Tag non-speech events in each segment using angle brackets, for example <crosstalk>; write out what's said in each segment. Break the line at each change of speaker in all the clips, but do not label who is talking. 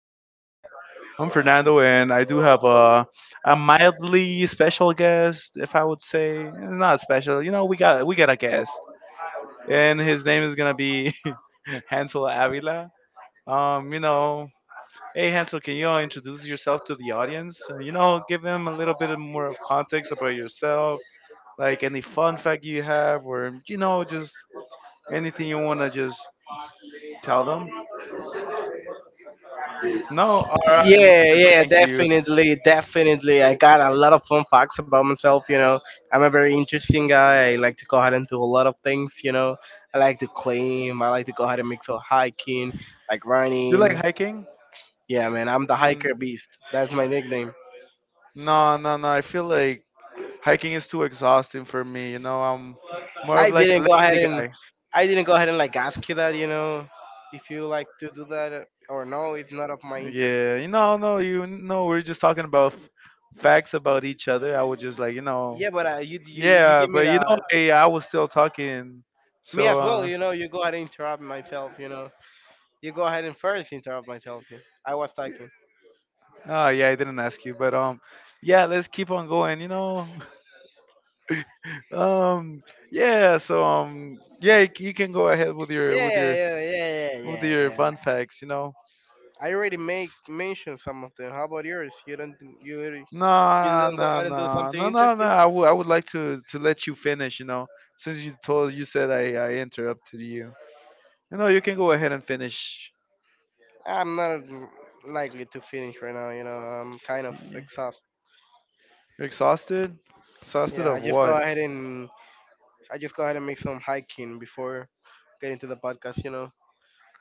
tuning in. I'm Fernando, and I do have a mildly special guest, if I would say. It's not special, you know. We got a guest, and his name is gonna be <laughs> Hansel Avila. Um, you know, hey Hansel, can you all introduce yourself to the audience? And, you know, give them a little bit of more of context about yourself, like any fun fact you have, or just anything you wanna just tell them. No, all right, man.
Yeah, yeah,
Thank you.
definitely, definitely. I got a lot of fun facts about myself, you know. I'm a very interesting guy. I like to go ahead and do a lot of things, you know. I like to climb, I like to go ahead and mix up hiking, like
You like
running.
hiking?
Yeah, man, I'm the
Mm,
hiker beast. That's my nickname.
no, no, no. I feel like hiking is too exhausting for me. You know, I'm more
I
of like
didn't
a
go ahead
lazy
and
guy.
I didn't go ahead and like ask you that, you know, if you like to do that or no, it's not of my interest.
Yeah, no, we're just talking about facts about each other. I was just like,
Yeah, but you
yeah,
give me
but
the
hey, I was still talking.
me
So,
as well,
uh,
you know, you go ahead and interrupt myself, you know. You go ahead and first interrupt myself. Here. I was talking.
Oh yeah, I didn't ask you, but yeah, let's keep on going. You know, <laughs> um, yeah. So yeah, you can go ahead with your
Yeah,
with your
yeah, yeah, yeah,
with
yeah,
your
yeah.
fun facts. You know.
I already make mention some of them. How about yours? You you
No,
don't go
no,
ahead and do
no,
something
no, no, no.
interesting?
I would like to let you finish. You know, since you said I interrupted you. You know, you can go ahead and finish.
I'm not likely to finish right now. You know, I'm kind of
Y-
exhausted.
You're exhausted. Exhausted
Yeah,
of what?
I just go ahead and make some hiking before getting to the podcast. You know,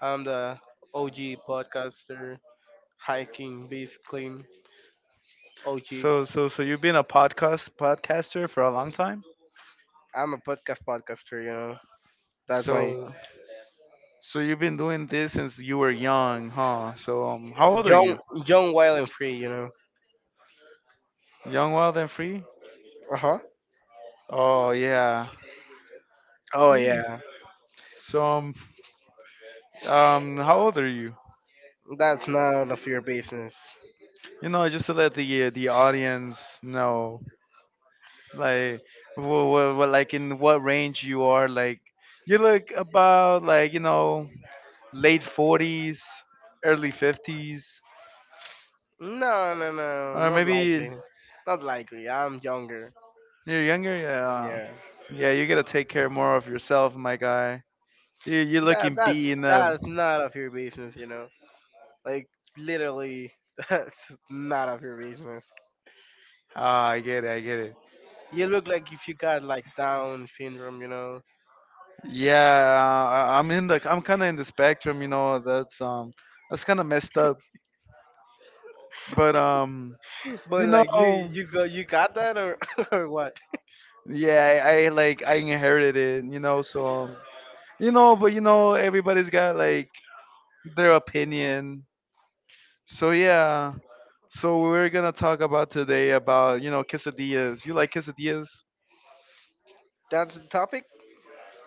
I'm the OG podcaster, hiking, beast clean, OG.
So you've been a podcaster for a long time.
I'm a podcast podcaster. You know, that's my
So So you've been doing this since you were young, huh? So how old are
young,
you?
young, wild, and free. You know.
Young, wild, and free?
Uh huh.
Oh yeah.
Oh
Yeah.
yeah,
So how old are you?
that's none of your business.
You know, just to let the audience know, like, like in what range you are. Like, you look about like late 40s, early 50s,
No, no, no,
or
not
maybe
likely. Not likely. I'm younger.
you're younger. Yeah,
Yeah.
yeah. You gotta take care more of yourself, my guy. You're
That
looking
that's
beaten up.
that's not of your business. You know. Like literally, <laughs> that's not of your business.
Ah, I get it. I get it.
You look like if you got like Down syndrome. You know.
Yeah, I, I'm in the. I'm kind of in the spectrum. You know, that's kind of messed up. But
But
you know,
like you got that or <laughs> or what?
yeah, I inherited it. You know, so but everybody's got like their opinion. So yeah, so we're gonna talk about today about quesadillas. You like quesadillas?
That's the topic.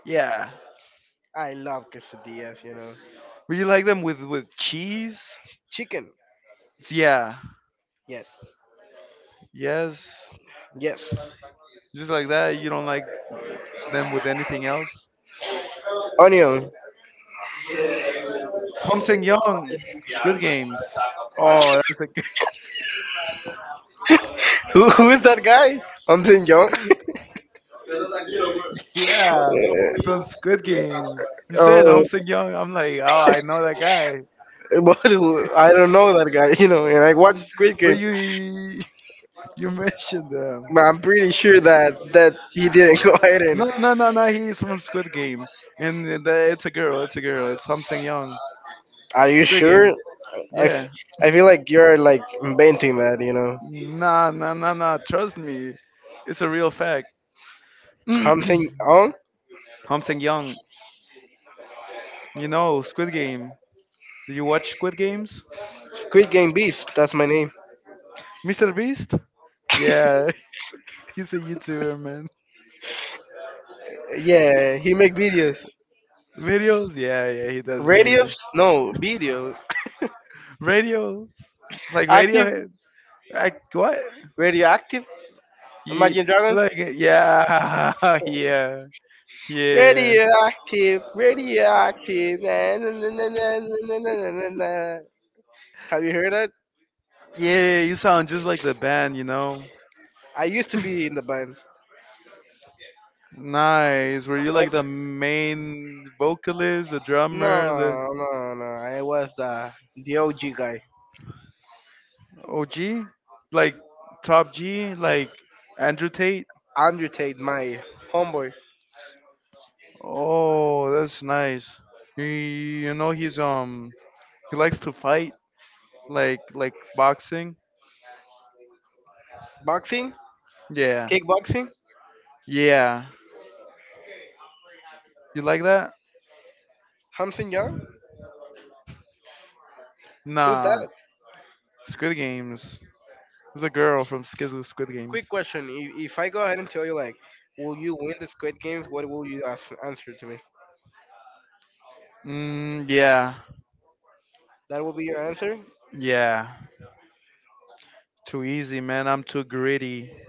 Yeah.
I love quesadillas. You know.
Would you like them with cheese?
Chicken.
Yeah.
Yes.
Yes.
Yes.
Just like that. You don't like them with anything else.
Onion.
Hom Seng Young, Squid Games. Oh, that's a good,
Who is that guy? I'm saying young.
<laughs> yeah,
<laughs>
from Squid Game. You said Hom
Oh,
Seng Young. I'm like, oh, I know that guy.
but who, I don't know that guy. <laughs> You know, and I watched Squid
But
Game.
you <laughs> you mentioned them.
But I'm pretty sure that he didn't <laughs> go ahead
No,
and.
no, no, no. He's from Squid Game, and it's a girl. It's a girl. It's Hom Seng Young.
Are you
Squid
sure?
Game.
I, f-
Yeah.
I feel like you're like inventing that. You know,
Nah, nah, nah, nah. Trust me, it's a real fact. <clears throat> Hom
something on
Seng Young. You know Squid Game. Do you watch Squid Games?
Squid Game Beast. That's my name.
Mr. Beast? Yeah, <laughs> he's a YouTuber, man.
Yeah, he make videos.
Videos? Yeah, yeah, he does make
Radios? No, video.
radio, like
Active?
Radiohead. Like what?
Radioactive?
Yeah,
Imagine Dragons?
like yeah, <laughs> yeah, yeah,
Radioactive, radioactive. Na, na, na, na, na, na, na, na, na, na, na. Have you heard that?
yeah. You sound just like the band, you know.
I used to be in the band.
Nice. Were you like
Um,
the main vocalist, the drummer, the
no, no, no. I was the OG guy.
OG, like top G, like Andrew Tate?
Andrew Tate, my homeboy.
Oh, that's nice. You know he likes to fight, like boxing.
Boxing,
Yeah,
kickboxing.
yeah. You like that?
Hamson Young. Who's
Nah.
that?
Squid Games. It's a girl from Skid Squid
Quick
Games.
question. If I go ahead and tell you like, will you win the Squid Games? What will answer to me?
Mm, yeah,
That will be your answer.
yeah. Too easy, man. I'm too gritty.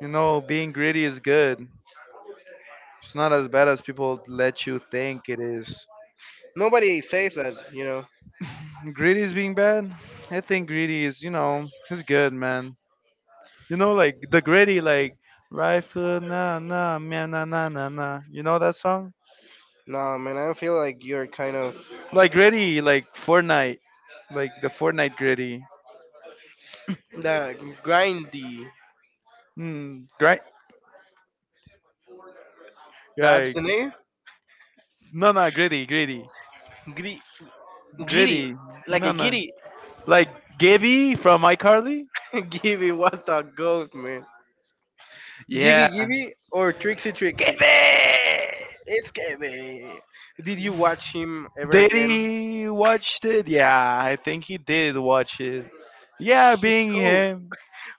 You know, being gritty is good. It's not as bad as people let you think it is.
Nobody says that, you know.
Gritty is being bad. I think gritty is, you know, it's good, man. You know, like the gritty, like right foot, na na, man, na na na na. You know that song?
No, man. I feel like you're kind of
Like gritty, like Fortnite, like the Fortnite gritty.
the grindy.
Hmm, right?
That's
Like
the name.
no, no, gritty, gritty,
Gri- giddy,
gritty.
like
No,
a
no.
giddy.
Like Gabby from iCarly.
<laughs> Gibby was a goat, man. Gibby
Yeah,
Gibby or Trixie Trixie?
Gabby.
It's Gibby. Did you watch him ever
Did
again?
he watched it? Yeah, I think he did watch it. Yeah, being
Who?
him.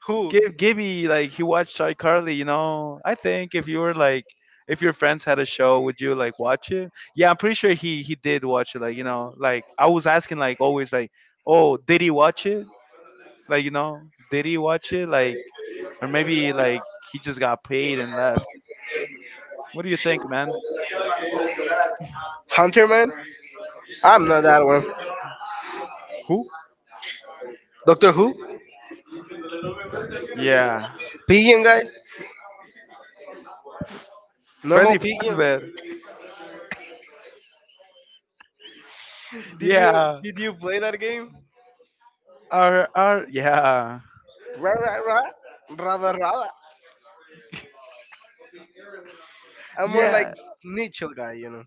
Who?
Gibby, like he watched iCarly, you know. I think if you were like if your friends had a show, would you like watch it? Yeah, I'm pretty sure he did watch it, like, you know, like I was asking like always like, oh, did he watch it? Like, you know, did he watch it? Like or maybe like he just got paid and left. What do you think, man?
Hunter Man? I'm not that one.
Who?
Doctor Who?
Yeah.
Pigeon guy? Normal
Freddy
Pigeon?
Fazbear.
Did you
Yeah.
did you play that game?
Our yeah.
Ra ra ra, rada rada. I'm more like
Yeah.
Nichel guy, you know.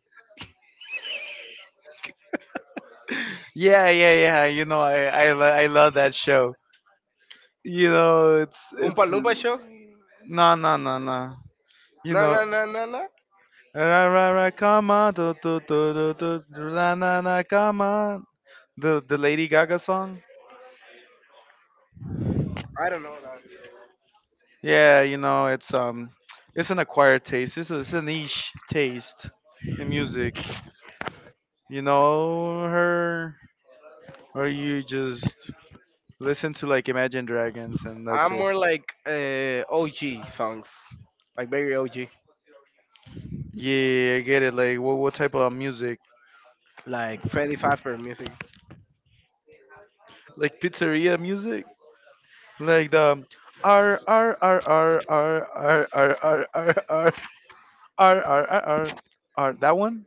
Yeah, yeah, yeah. You know, I love that show. You know, it's
Oompa
it's
Loompa show?
no no no no. You
Na na
know,
na na na.
ra ra ra, come on, do do do do do, na na na, come on. The Lady Gaga song.
I don't know that.
Yeah, you know, it's an acquired taste. It's a niche taste in music. You know her, or you just listen to like Imagine Dragons and that's
I'm
it.
more like OG songs, like very OG,
Yeah, I get it. Like, what type of music?
like Freddy Fazbear music.
Like pizzeria music? Like the RRRRRRRRRRRRRRR that one?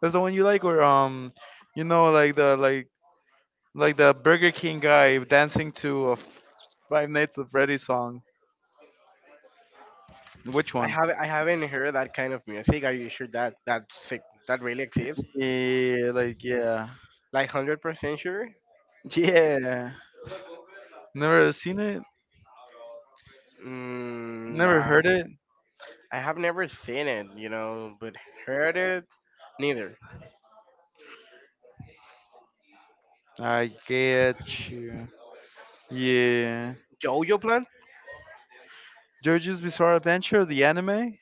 That's the one you like or you know like the like like the Burger King guy dancing to a Five Nights at Freddy's song. Which
I
one?
haven't I haven't heard that kind of music. Are you sure that sick that really exists?
Yeah, like yeah.
Like 100% sure?
<laughs> Yeah. Never seen it?
Mm,
Never
uh,
heard it?
I have never seen it, you know, but heard it neither.
I get you. Yeah.
Jojo Plant?
JoJo's Bizarre Adventure, the anime?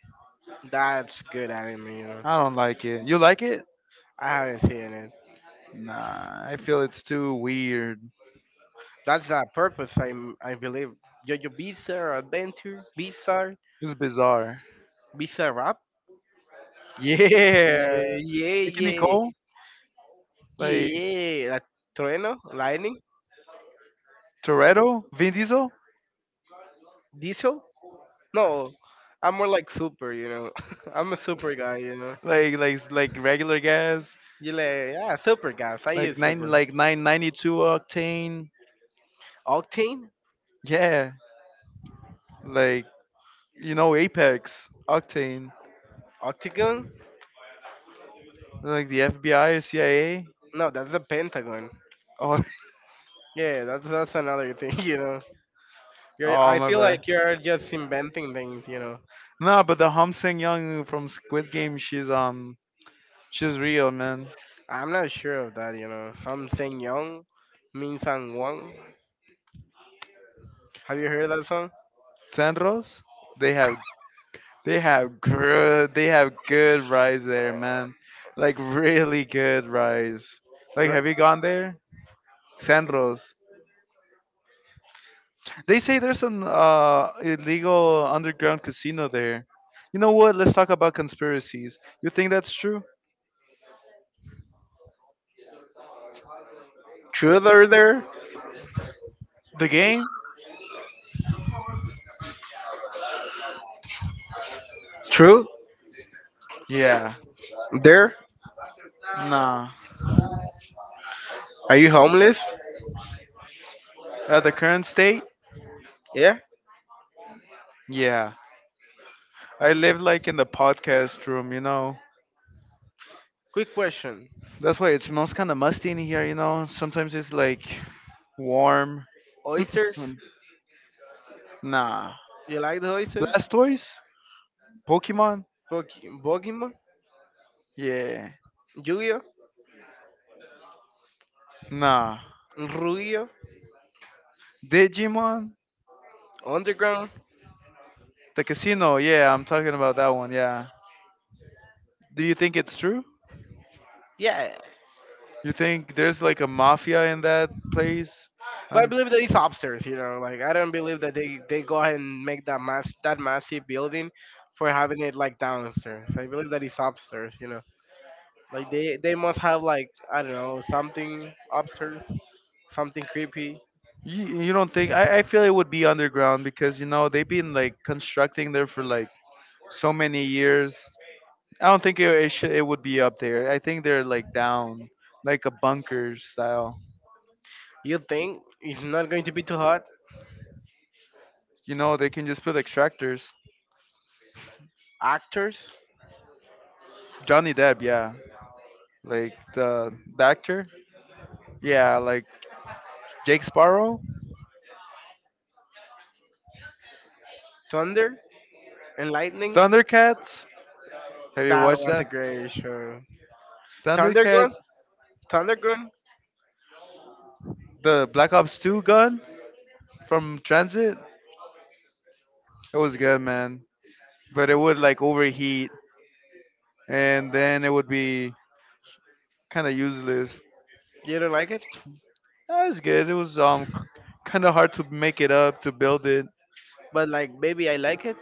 That's good anime. You know.
I don't like it. You like it?
I haven't seen it.
Nah, I feel it's too weird.
That's the purpose. I believe Jojo Bizarre Adventure Bizarre
It's bizarre.
Bizarre Rap.
Yeah,
Yeah,
Nicky
yeah,
Nicole,
yeah,
like
yeah. Like Trueno, Lightning,
Toretto, Vin Diesel,
Diesel. No, I'm more like super, you know. <laughs> I'm a super guy, you know.
like like regular gas,
You like, yeah, super guys. I
like
use
nine
super.
like 992 octane.
Octane?
Yeah, like Apex octane,
Octagon?
like the FBI or CIA.
No, that's a pentagon.
Oh,
Yeah, that's another thing, <laughs> you know.
<laughs> oh
I
my
feel
bad.
like you're just inventing things, you know.
Nah, but the Hom Sang Young from Squid Game, she's real man.
I'm not sure of that, you know. I'm saying Young, Min Sang Won. Have you heard that song?
Sandros, they have they have good rice there, man. Like really good rice. Like,
Dr-
have you gone there? Sandros. They say there's an illegal underground casino there. You know what? Let's talk about conspiracies. You think that's true?
True there, there?
The game?
True
Yeah.
there?
Nah.
Are you homeless?
At the current state?
Yeah.
Yeah. I live like in the podcast room, you know.
Quick question.
That's why it smells kind of musty in here, you know. Sometimes it's like warm. <clears throat>
Oysters?
nah.
You like the oysters?
Blastoise? Pokemon?
Pokemon?
Yeah.
Yu-Gi-Oh,
Nah.
Yu-Gi-Oh,
Digimon?
underground.
The casino? Yeah, I'm talking about that one. Yeah. Do you think it's true?
Yeah,
You think there's like a mafia in that place?
but I
And
believe that it's upstairs. You know, like I don't believe that they go ahead and make that massive building for having it like downstairs. I believe that it's upstairs. You know, like they must have like I don't know something upstairs, something creepy.
you don't think, I feel it would be underground because you know they've been like constructing there for like so many years. I don't think it would be up there. I think they're like down, like a bunker style.
You think it's not going to be too hot?
You know, they can just put extractors.
Actors,
Johnny Depp, yeah, like the actor. Yeah, like Jake Sparrow,
thunder and lightning.
Thundercats. Have you
That
watched
was a
that?
great show. Thundergun,
Thundercats,
Thundergun.
the Black Ops 2 gun from Transit. It was good, man. But it would like overheat, and then it would be kind of useless.
You don't like it,
That was good. It was kind of hard to make it up to build it.
but like baby, I like it.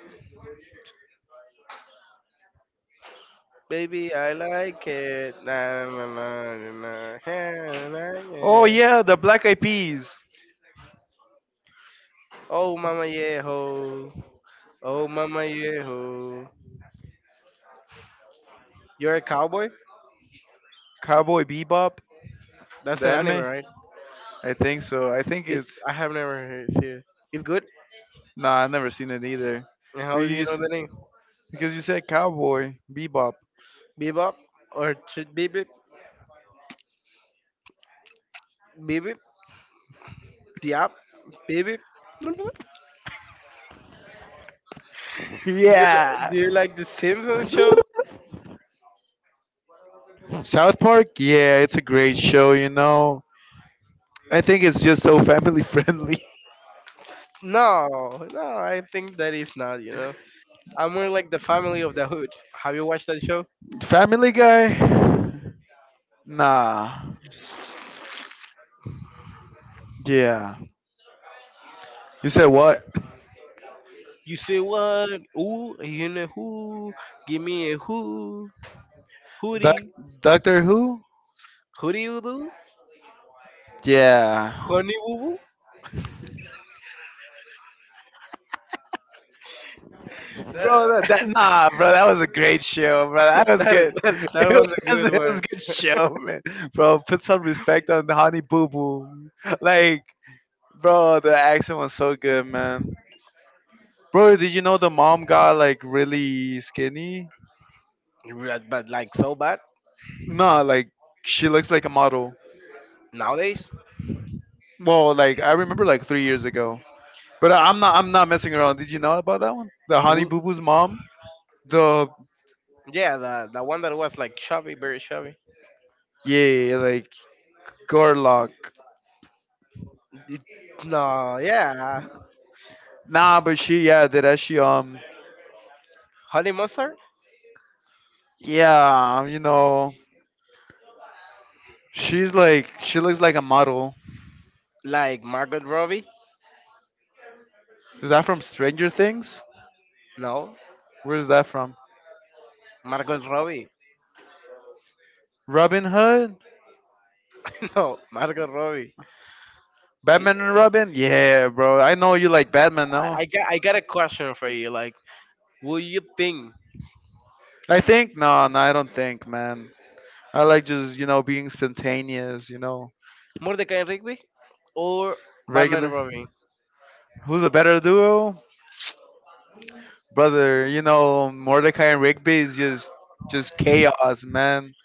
Baby, I like it. Na na na na na. Yeah, na,
Oh
yeah.
yeah, the Black Eyed Peas,
Oh, mama, yeah, ho. Oh, mama, yeah, ho. You're a cowboy?
Cowboy Bebop,
That's
the
an anime,
anime.
right?
I think so. I think
It's
it's.
I have never heard it. Yeah. It's good.
Nah, I've never seen it either.
And how
We
do you know
used
the name?
because you said Cowboy Bebop.
Bebop or Bebop? Bebop? Diab? Bebop?
<laughs>
Do you li-
Yeah.
do you like the Simpsons show?
South Park, yeah, it's a great show, you know. I think it's just so family friendly. <laughs>
No, no, I think that is not. You know, I'm more like the family of the hood. Have you watched that show?
Family Guy? Nah. Yeah. You said what?
You say what? Ooh, you know who? Give me a who?
Doc-
Hootie.
Doctor Who?
Hootie Udo?
Yeah.
Honey Woo Woo?
Bro, that, that
That, <laughs>
nah, bro, that was a great show, bro. That was
that,
good.
that,
<laughs>
that
It
was a
was,
good
it was a
one.
good
<laughs>
show, man. Bro, put some respect on the Honey Boo Boo. Like, bro, the accent was so good, man. Bro, did you know the mom got like really skinny?
But like so bad
Nah, like she looks like a model.
nowadays?
Well, like I remember like 3 years ago. But I'm not messing around. Did you know about that one? The Honey
Wo-
Boo Boo's mom? The
Yeah, the one that was like chubby, very chubby.
yeah, like Garlock.
It- no, yeah.
Nah, but she yeah, did that she
Honey Mustard?
yeah, um, you know she looks like a model.
Like Margot Robbie?
Is that from Stranger Things?
No.
Where is that from?
Margot Robbie?
Robin Hood?
<laughs> No, Margot Robbie. I,
Batman and Robin? Yeah, bro. I know you like Batman now.
I got a question for you. Like, would you think
I think no, no, I don't think, man. I like just being spontaneous, you know,
Mordecai and Rigby or Batman and
regular.
Robin?
Who's a better duo, brother? You know, Mordecai and Rigby is just chaos, man,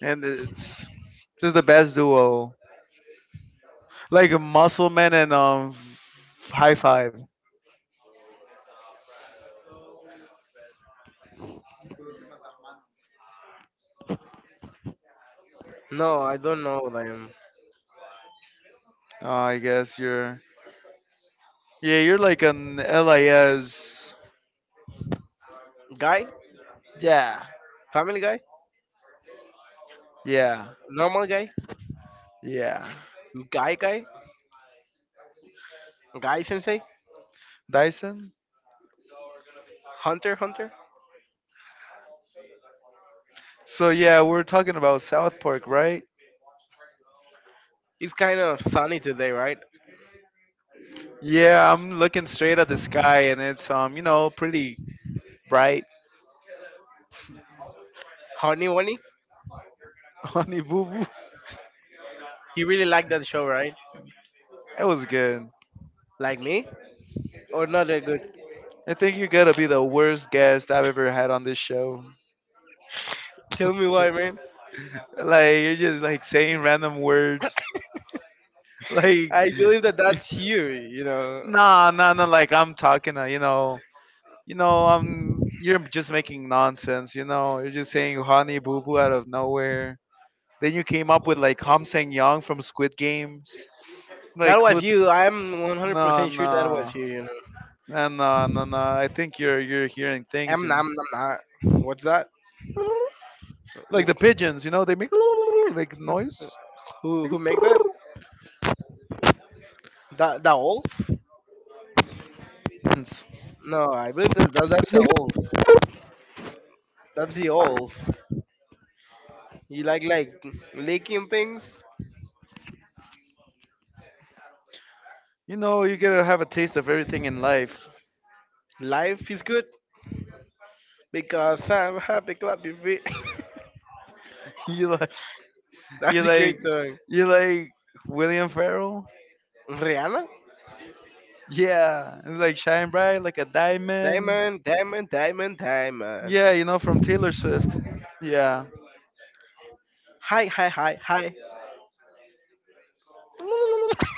and it's just the best duo. Like Muscle Man and High Five.
No, I don't know them.
I guess you're like an LIS.
Guy,
Yeah,
Family Guy,
yeah,
Normal Guy,
yeah.
Guy Guy, Guy Sensei,
Dyson.
Hunter Hunter.
So yeah, we're talking about South Park, right?
It's kind of sunny today, right?
Yeah, I'm looking straight at the sky and it's pretty bright.
Honey Bunny.
<laughs> Honey boo boo.
You really like that show, right?
It was good.
Like me, or not that good?
I think you're gonna be the worst guest I've ever had on this show.
Tell me why, man.
Like you're just like saying random words. <laughs> Like
I believe that that's you. You know,
nah, nah, nah. I'm talking you're just making nonsense, you know. You're just saying honey boo boo out of nowhere. Then you came up with like Hom Sang Young from Squid Games.
that
Like
was
who's
you. I'm
nah
100% sure that was
nah.
you. You know,
And then I think you're hearing things,
I'm
you
not.
know,
I'm not. What's that?
like
Who
the pigeons. You know, they make like noise.
who
Like,
who make that? The wolf?
pigeons.
No, I believe that that's the wolf. That's the wolf. You like licking things.
You know, you gotta have a taste of everything in life. <laughs>
Life is good because I'm happy clappy feet.
You like
<laughs>
you
That's a
like
great song.
you like William Farrell.
Rihanna?
Yeah, and like shine bright like a diamond.
Diamond, diamond, diamond, diamond.
Yeah, you know from Taylor Swift. Yeah.
Hi, hi, hi, hi.
<laughs>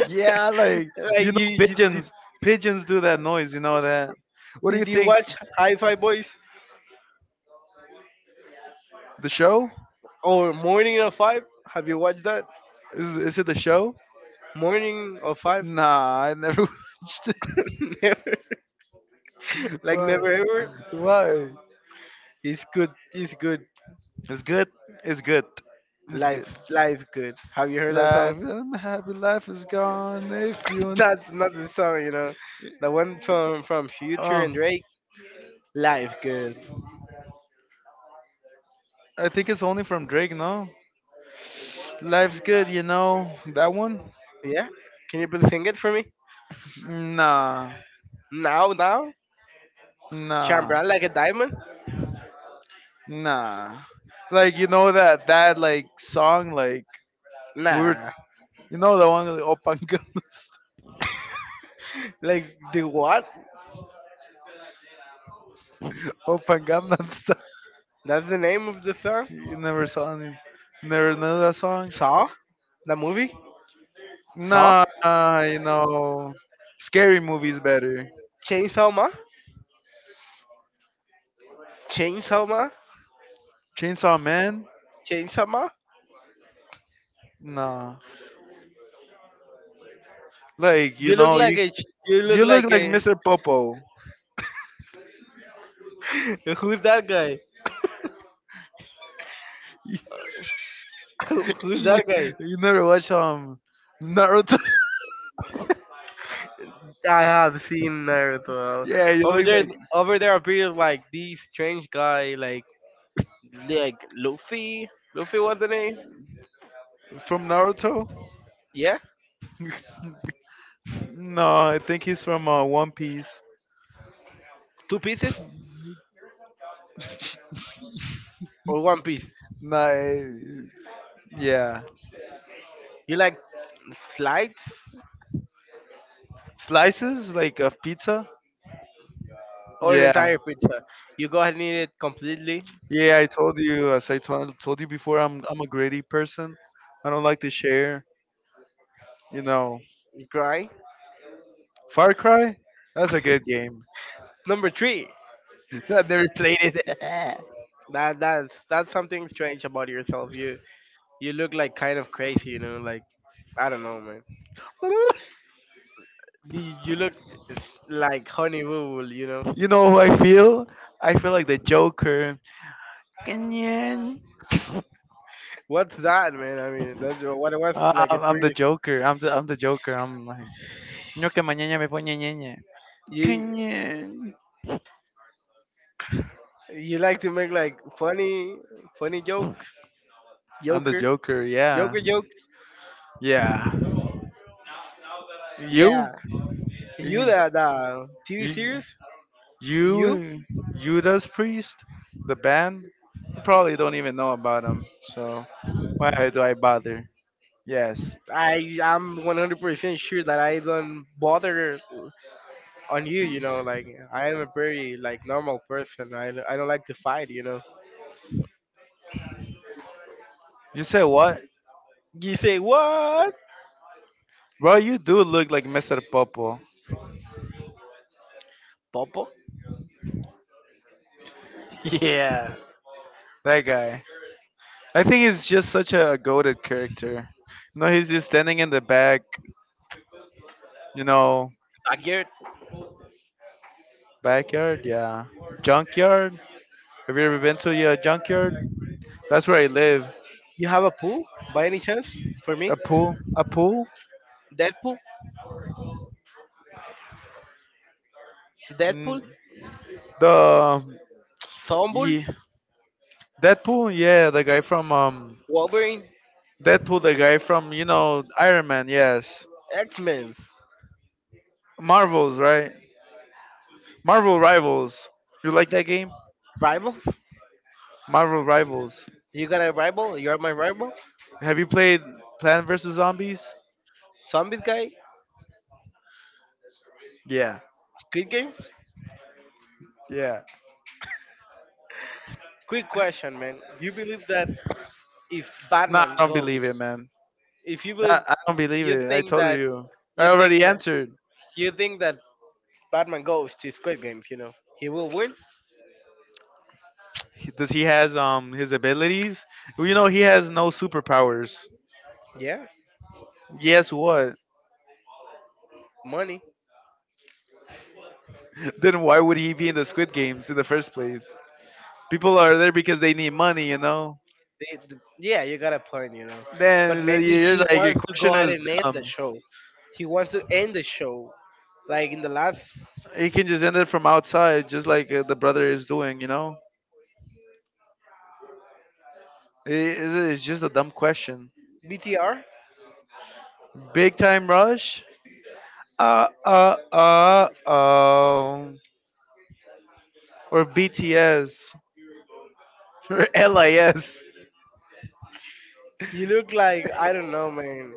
Yeah, like
Like
pigeons. Pigeons do that noise. You know that. What do you
did you
think?
watch Hi Fi Boys
The show?
or Morning of Five? Have you watched that?
Is it a show?
Morning of Five?
Nah, I never <laughs> watched it.
<laughs> Never, like never
Why?
ever.
Why?
It's good. It's good.
It's good. It's good. It's good.
Life. Life good. Have you heard that
Life,
song?
I happy. Life is gone. If
<laughs> That's not the song, you know. The one from Future and
oh,
Drake. Life good.
I think it's only from Drake. No, life's good. You know that one?
Yeah. Can you please sing it for me?
Nah,
Now, now. Shine
nah,
bright like a diamond.
nah. Like you know that like song like we were
Nah. <laughs>
you know the one like Open Gangnam Style.
Like the what?
<laughs> Open Gangnam.
That's the name of the song.
You never saw any, never know that song?
Saw. The movie. Saw.
Nah, nah, you know, scary movies better.
Chainsaw Ma. Chainsaw Ma.
Chainsaw Man?
Chainsaw Ma.
Nah. Like you
You look
know, you
like a. You look
you look
like
like
a.
Mr. Popo.
<laughs> Who's that guy? <laughs>
<laughs>
Who's
you,
that guy?
you never watch Naruto?
I have seen
<laughs>
Naruto.
yeah, you
Over
look
there,
like
over there appeared like these strange guy, like Luffy. Luffy was the name.
from Naruto.
Yeah,
No, I think he's from One Piece.
two pieces or one piece.
Nah, eh, yeah,
You like slides
slices like of pizza.
or the
Yeah,
entire pizza. You go ahead and eat it completely
Yeah. I told you, as I told you before, I'm a greedy person. I don't like to share. You know,
dry.
Far Cry, that's a good game.
Number three.
<laughs> I've never played it.
That's something strange about yourself. You look like kind of crazy. You know, like I don't know, man.
<laughs>
You look it's like honey boo, boo, you know.
you know who I feel? I feel like the Joker. Kenyan.
What's that, man? I mean, that's what it was
Uh,
like a
I'm I'm the
pretty.
Joker. I'm the Joker. I'm like "No que mañana me pone ñeñe."
You
Kenyan.
you like to make like funny jokes,
I'm the
Joker,
Joker. Yeah.
Joker jokes.
Yeah.
Yeah,
You?
you the TV
You?
series. You,
You, Judas Priest, the band, you probably don't even know about them. So why do I bother? Yes.
I'm 100% sure that I don't bother on you. You know, like I am a very like normal person. I don't like to fight. You know.
You said what?
You say what,
Bro, you do look like Mr. Popo.
Popo?
<laughs> yeah. That guy. I think he's just such a goaded character. You know, he's just standing in the back, you know,
Backyard.
backyard, yeah. Junkyard. Have you ever been to a junkyard? That's where I live.
You have a pool by any chance for me?
A pool? A pool?
Deadpool, Deadpool,
Mm, the.
Sombul,
Yeah. Deadpool, yeah, the guy from
Wolverine,
Deadpool, the guy from you know Iron Man, yes.
X Men,
Marvels, right? Marvel Rivals. You like that game?
Rivals.
Marvel Rivals.
You got a rival? You're my rival.
Have you played Plant vs Zombies?
Zombies guy.
Yeah,
Squid Games.
yeah.
Quick question, man. You believe that if
Nah, I
Batman
don't believe it,
goes,
man.
if you believe,
I don't believe
you
it. I
think
told
that,
you. I
you
already
think that,
answered.
you think that Batman goes to Squid Games, you know, he will win.
He- Does he has his abilities? Well, you know he has no superpowers.
Yeah,
Yes, what?
money.
<laughs> Then why would he be in the Squid Games in the first place? People are there because they need money, you know.
Yeah, you got a point, you know, but maybe
You're
he
like your
wants to go
question
ahead
is
and end the
dumb.
show. He wants to end the show. Like in the last
He can just end it from outside, just like the brother is doing. You know, it's just a dumb question.
BTR,
Big Time Rush, uh, uh, uh, uh, or BTS <laughs> or LIS,
he looked like I don't know, man,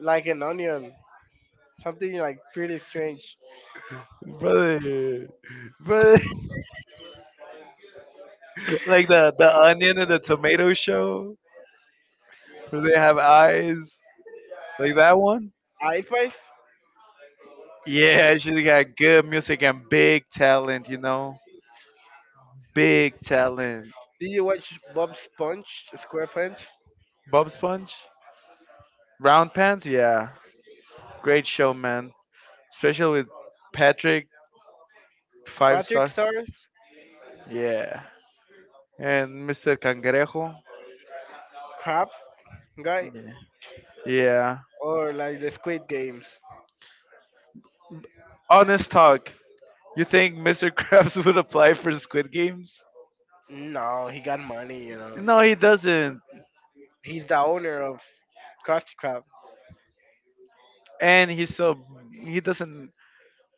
like an onion, something like pretty strange.
brother, brother. <laughs> Like the onion and the tomato show where they have eyes, like that one.
I advice.
Yeah, she got good music and big talent. You know, big talent.
Did you watch Bob Sponge SquarePants?
Bob Sponge, Round Pants, yeah, great show, man. Especially with Patrick, five
Patrick
star,
Stars,
yeah, and Mr. Cangrejo,
Crab guy,
yeah. Yeah.
or like the Squid Games?
Honest talk, you think Mr. Krabs <laughs> would apply for Squid Games?
No, he got money, you know.
No, he doesn't,
He's the owner of Krusty Krab.
and he's so he doesn't.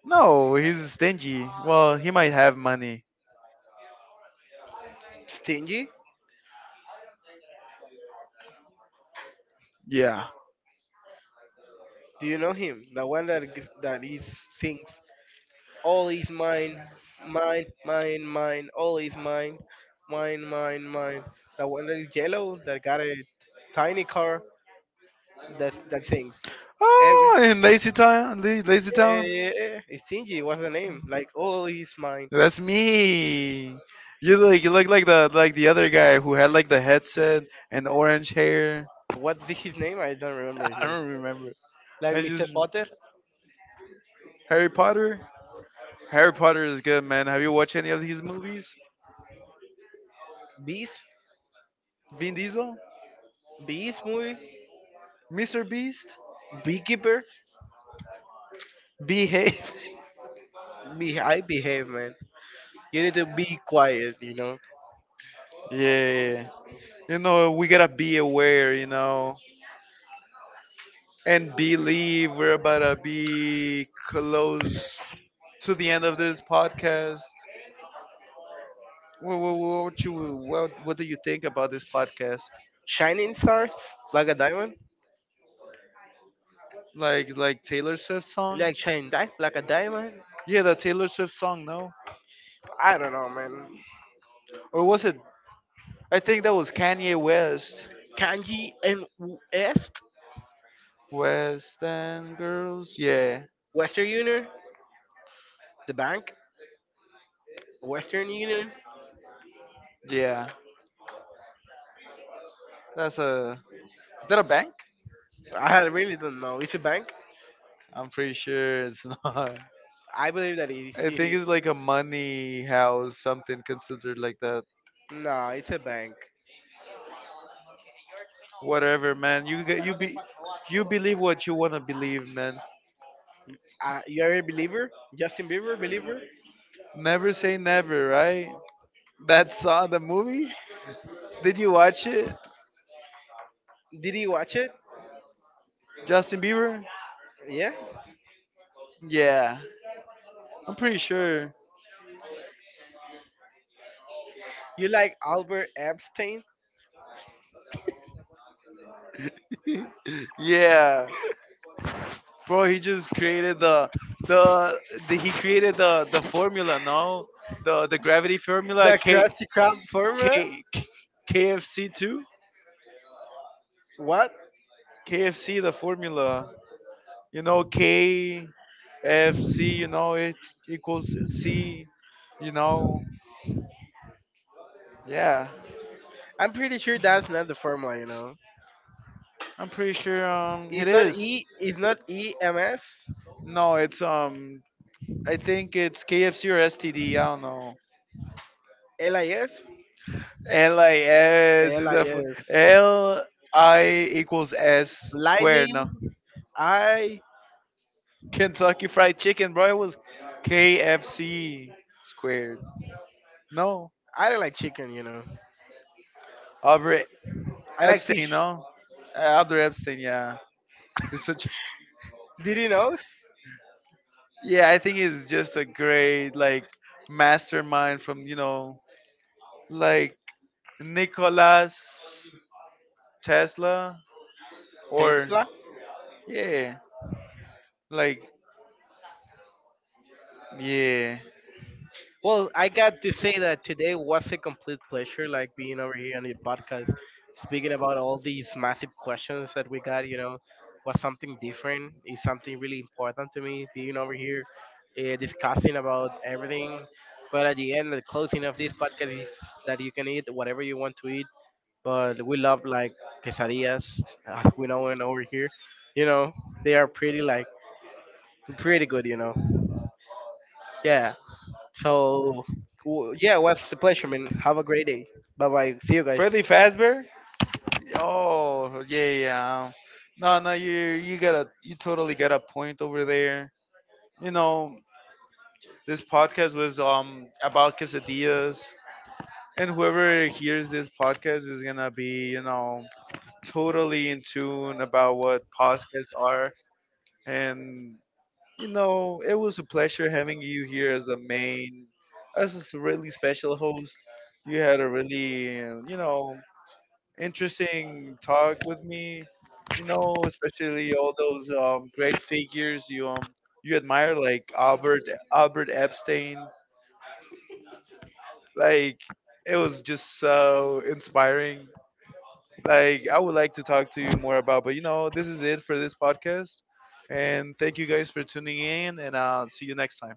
No, he's stingy. Well, he might have money.
Stingy?
Yeah.
Do you know him? The one that he sings, "All is mine, mine, mine, mine, all is mine, mine, mine, mine." The one that is yellow, that got a tiny car, that sings. Every
Oh, in Lazy Town, La- Lazy
Yeah,
Town.
yeah, yeah. It's Stingy. What's the name? Like, all is mine.
That's me. You look like the other guy who had like the headset and orange hair.
What's his name? I don't remember his
<laughs> I
name.
don't remember.
Like
I
Mr.
just
Potter,
Harry Potter. Harry Potter is good, man. Have you watched any of his movies?
Beast,
Vin Diesel,
Beast movie,
Mr. Beast,
Beekeeper.
behave. <laughs>
I behave, man. You need to be quiet, you know.
yeah, yeah. You know we gotta be aware, you know, and believe we're about to be close to the end of this podcast. What do you think about this podcast?
Shining stars like a diamond,
Like Taylor Swift song.
like shining dark like a diamond.
Yeah, that Taylor Swift song. No,
I don't know, man.
or was it? I think that was Kanye West.
Kanji and West,
West End Girls. Yeah,
Western Union, the bank, Western Union.
yeah. That's a. Is that a bank?
I really don't know. It's a bank.
I'm pretty sure it's <laughs> not.
I believe that it is.
I
It
think it's
is.
like a money house, something considered like that.
No, it's a bank.
Whatever, man. You believe what you wanna believe, man.
You're a believer, Justin Bieber believer.
Never say never, right? That saw the movie. Did you watch it,
Did he watch it?
Justin Bieber?
Yeah.
Yeah, I'm pretty sure.
You like Albert Epstein,
Yeah, bro, he just the, created the formula. No, the gravity formula.
the
K
Krusty Krab formula?
K, K KFC two.
What?
KFC the formula. You know KFC. You know it equals C. You know. Yeah,
I'm pretty sure that's not the formula, you know.
I'm pretty sure. It
It's not
is.
E. It's not E M S
No, it's. I think it's KFC or STD. I don't know.
L I S
LIS
L
is
I
that for
S.
L I equals S squared. No,
Lightning. I
Kentucky Fried Chicken, bro. It was KFC squared. No,
I don't like chicken, you know.
Albert
I like fish.
Epstein. No, Albert Epstein. Yeah, it's such.
Did you know?
Yeah, I think he's just a great like mastermind from you know like Nicholas Tesla or
Tesla.
yeah like yeah
Well, I got to say that today was a complete pleasure, like being over here on the podcast, speaking about all these massive questions that we got. You know, was something different. Is something really important to me being over here, discussing about everything. But at the end, the closing of this podcast is that you can eat whatever you want to eat. But we love like quesadillas, as we know and over here. You know, they are pretty like pretty good. You know, yeah. So,
yeah.
yeah, it
well, it's
was a
a
pleasure,
pleasure.
man.
Have
Have a
a great
great
day.
day.
Bye
Bye
bye.
bye. See
See you
you
later.
guys.
Freddy Fazbear? Oh yeah, yeah, yeah. No, no, you got a you totally got a point over there. You know, this podcast was about quesadillas, and whoever hears this podcast is gonna be you know totally in tune about what podcasts are and you know, it was a pleasure having you here as a main, as a really special host. You had a really, you know, interesting talk with me. You know, especially all those great figures you you admire, like Albert Epstein. Like it was just so inspiring. Like I would like to talk to you more about, but you know, this is it for this podcast. And thank you guys for tuning in, and I'll see you next time.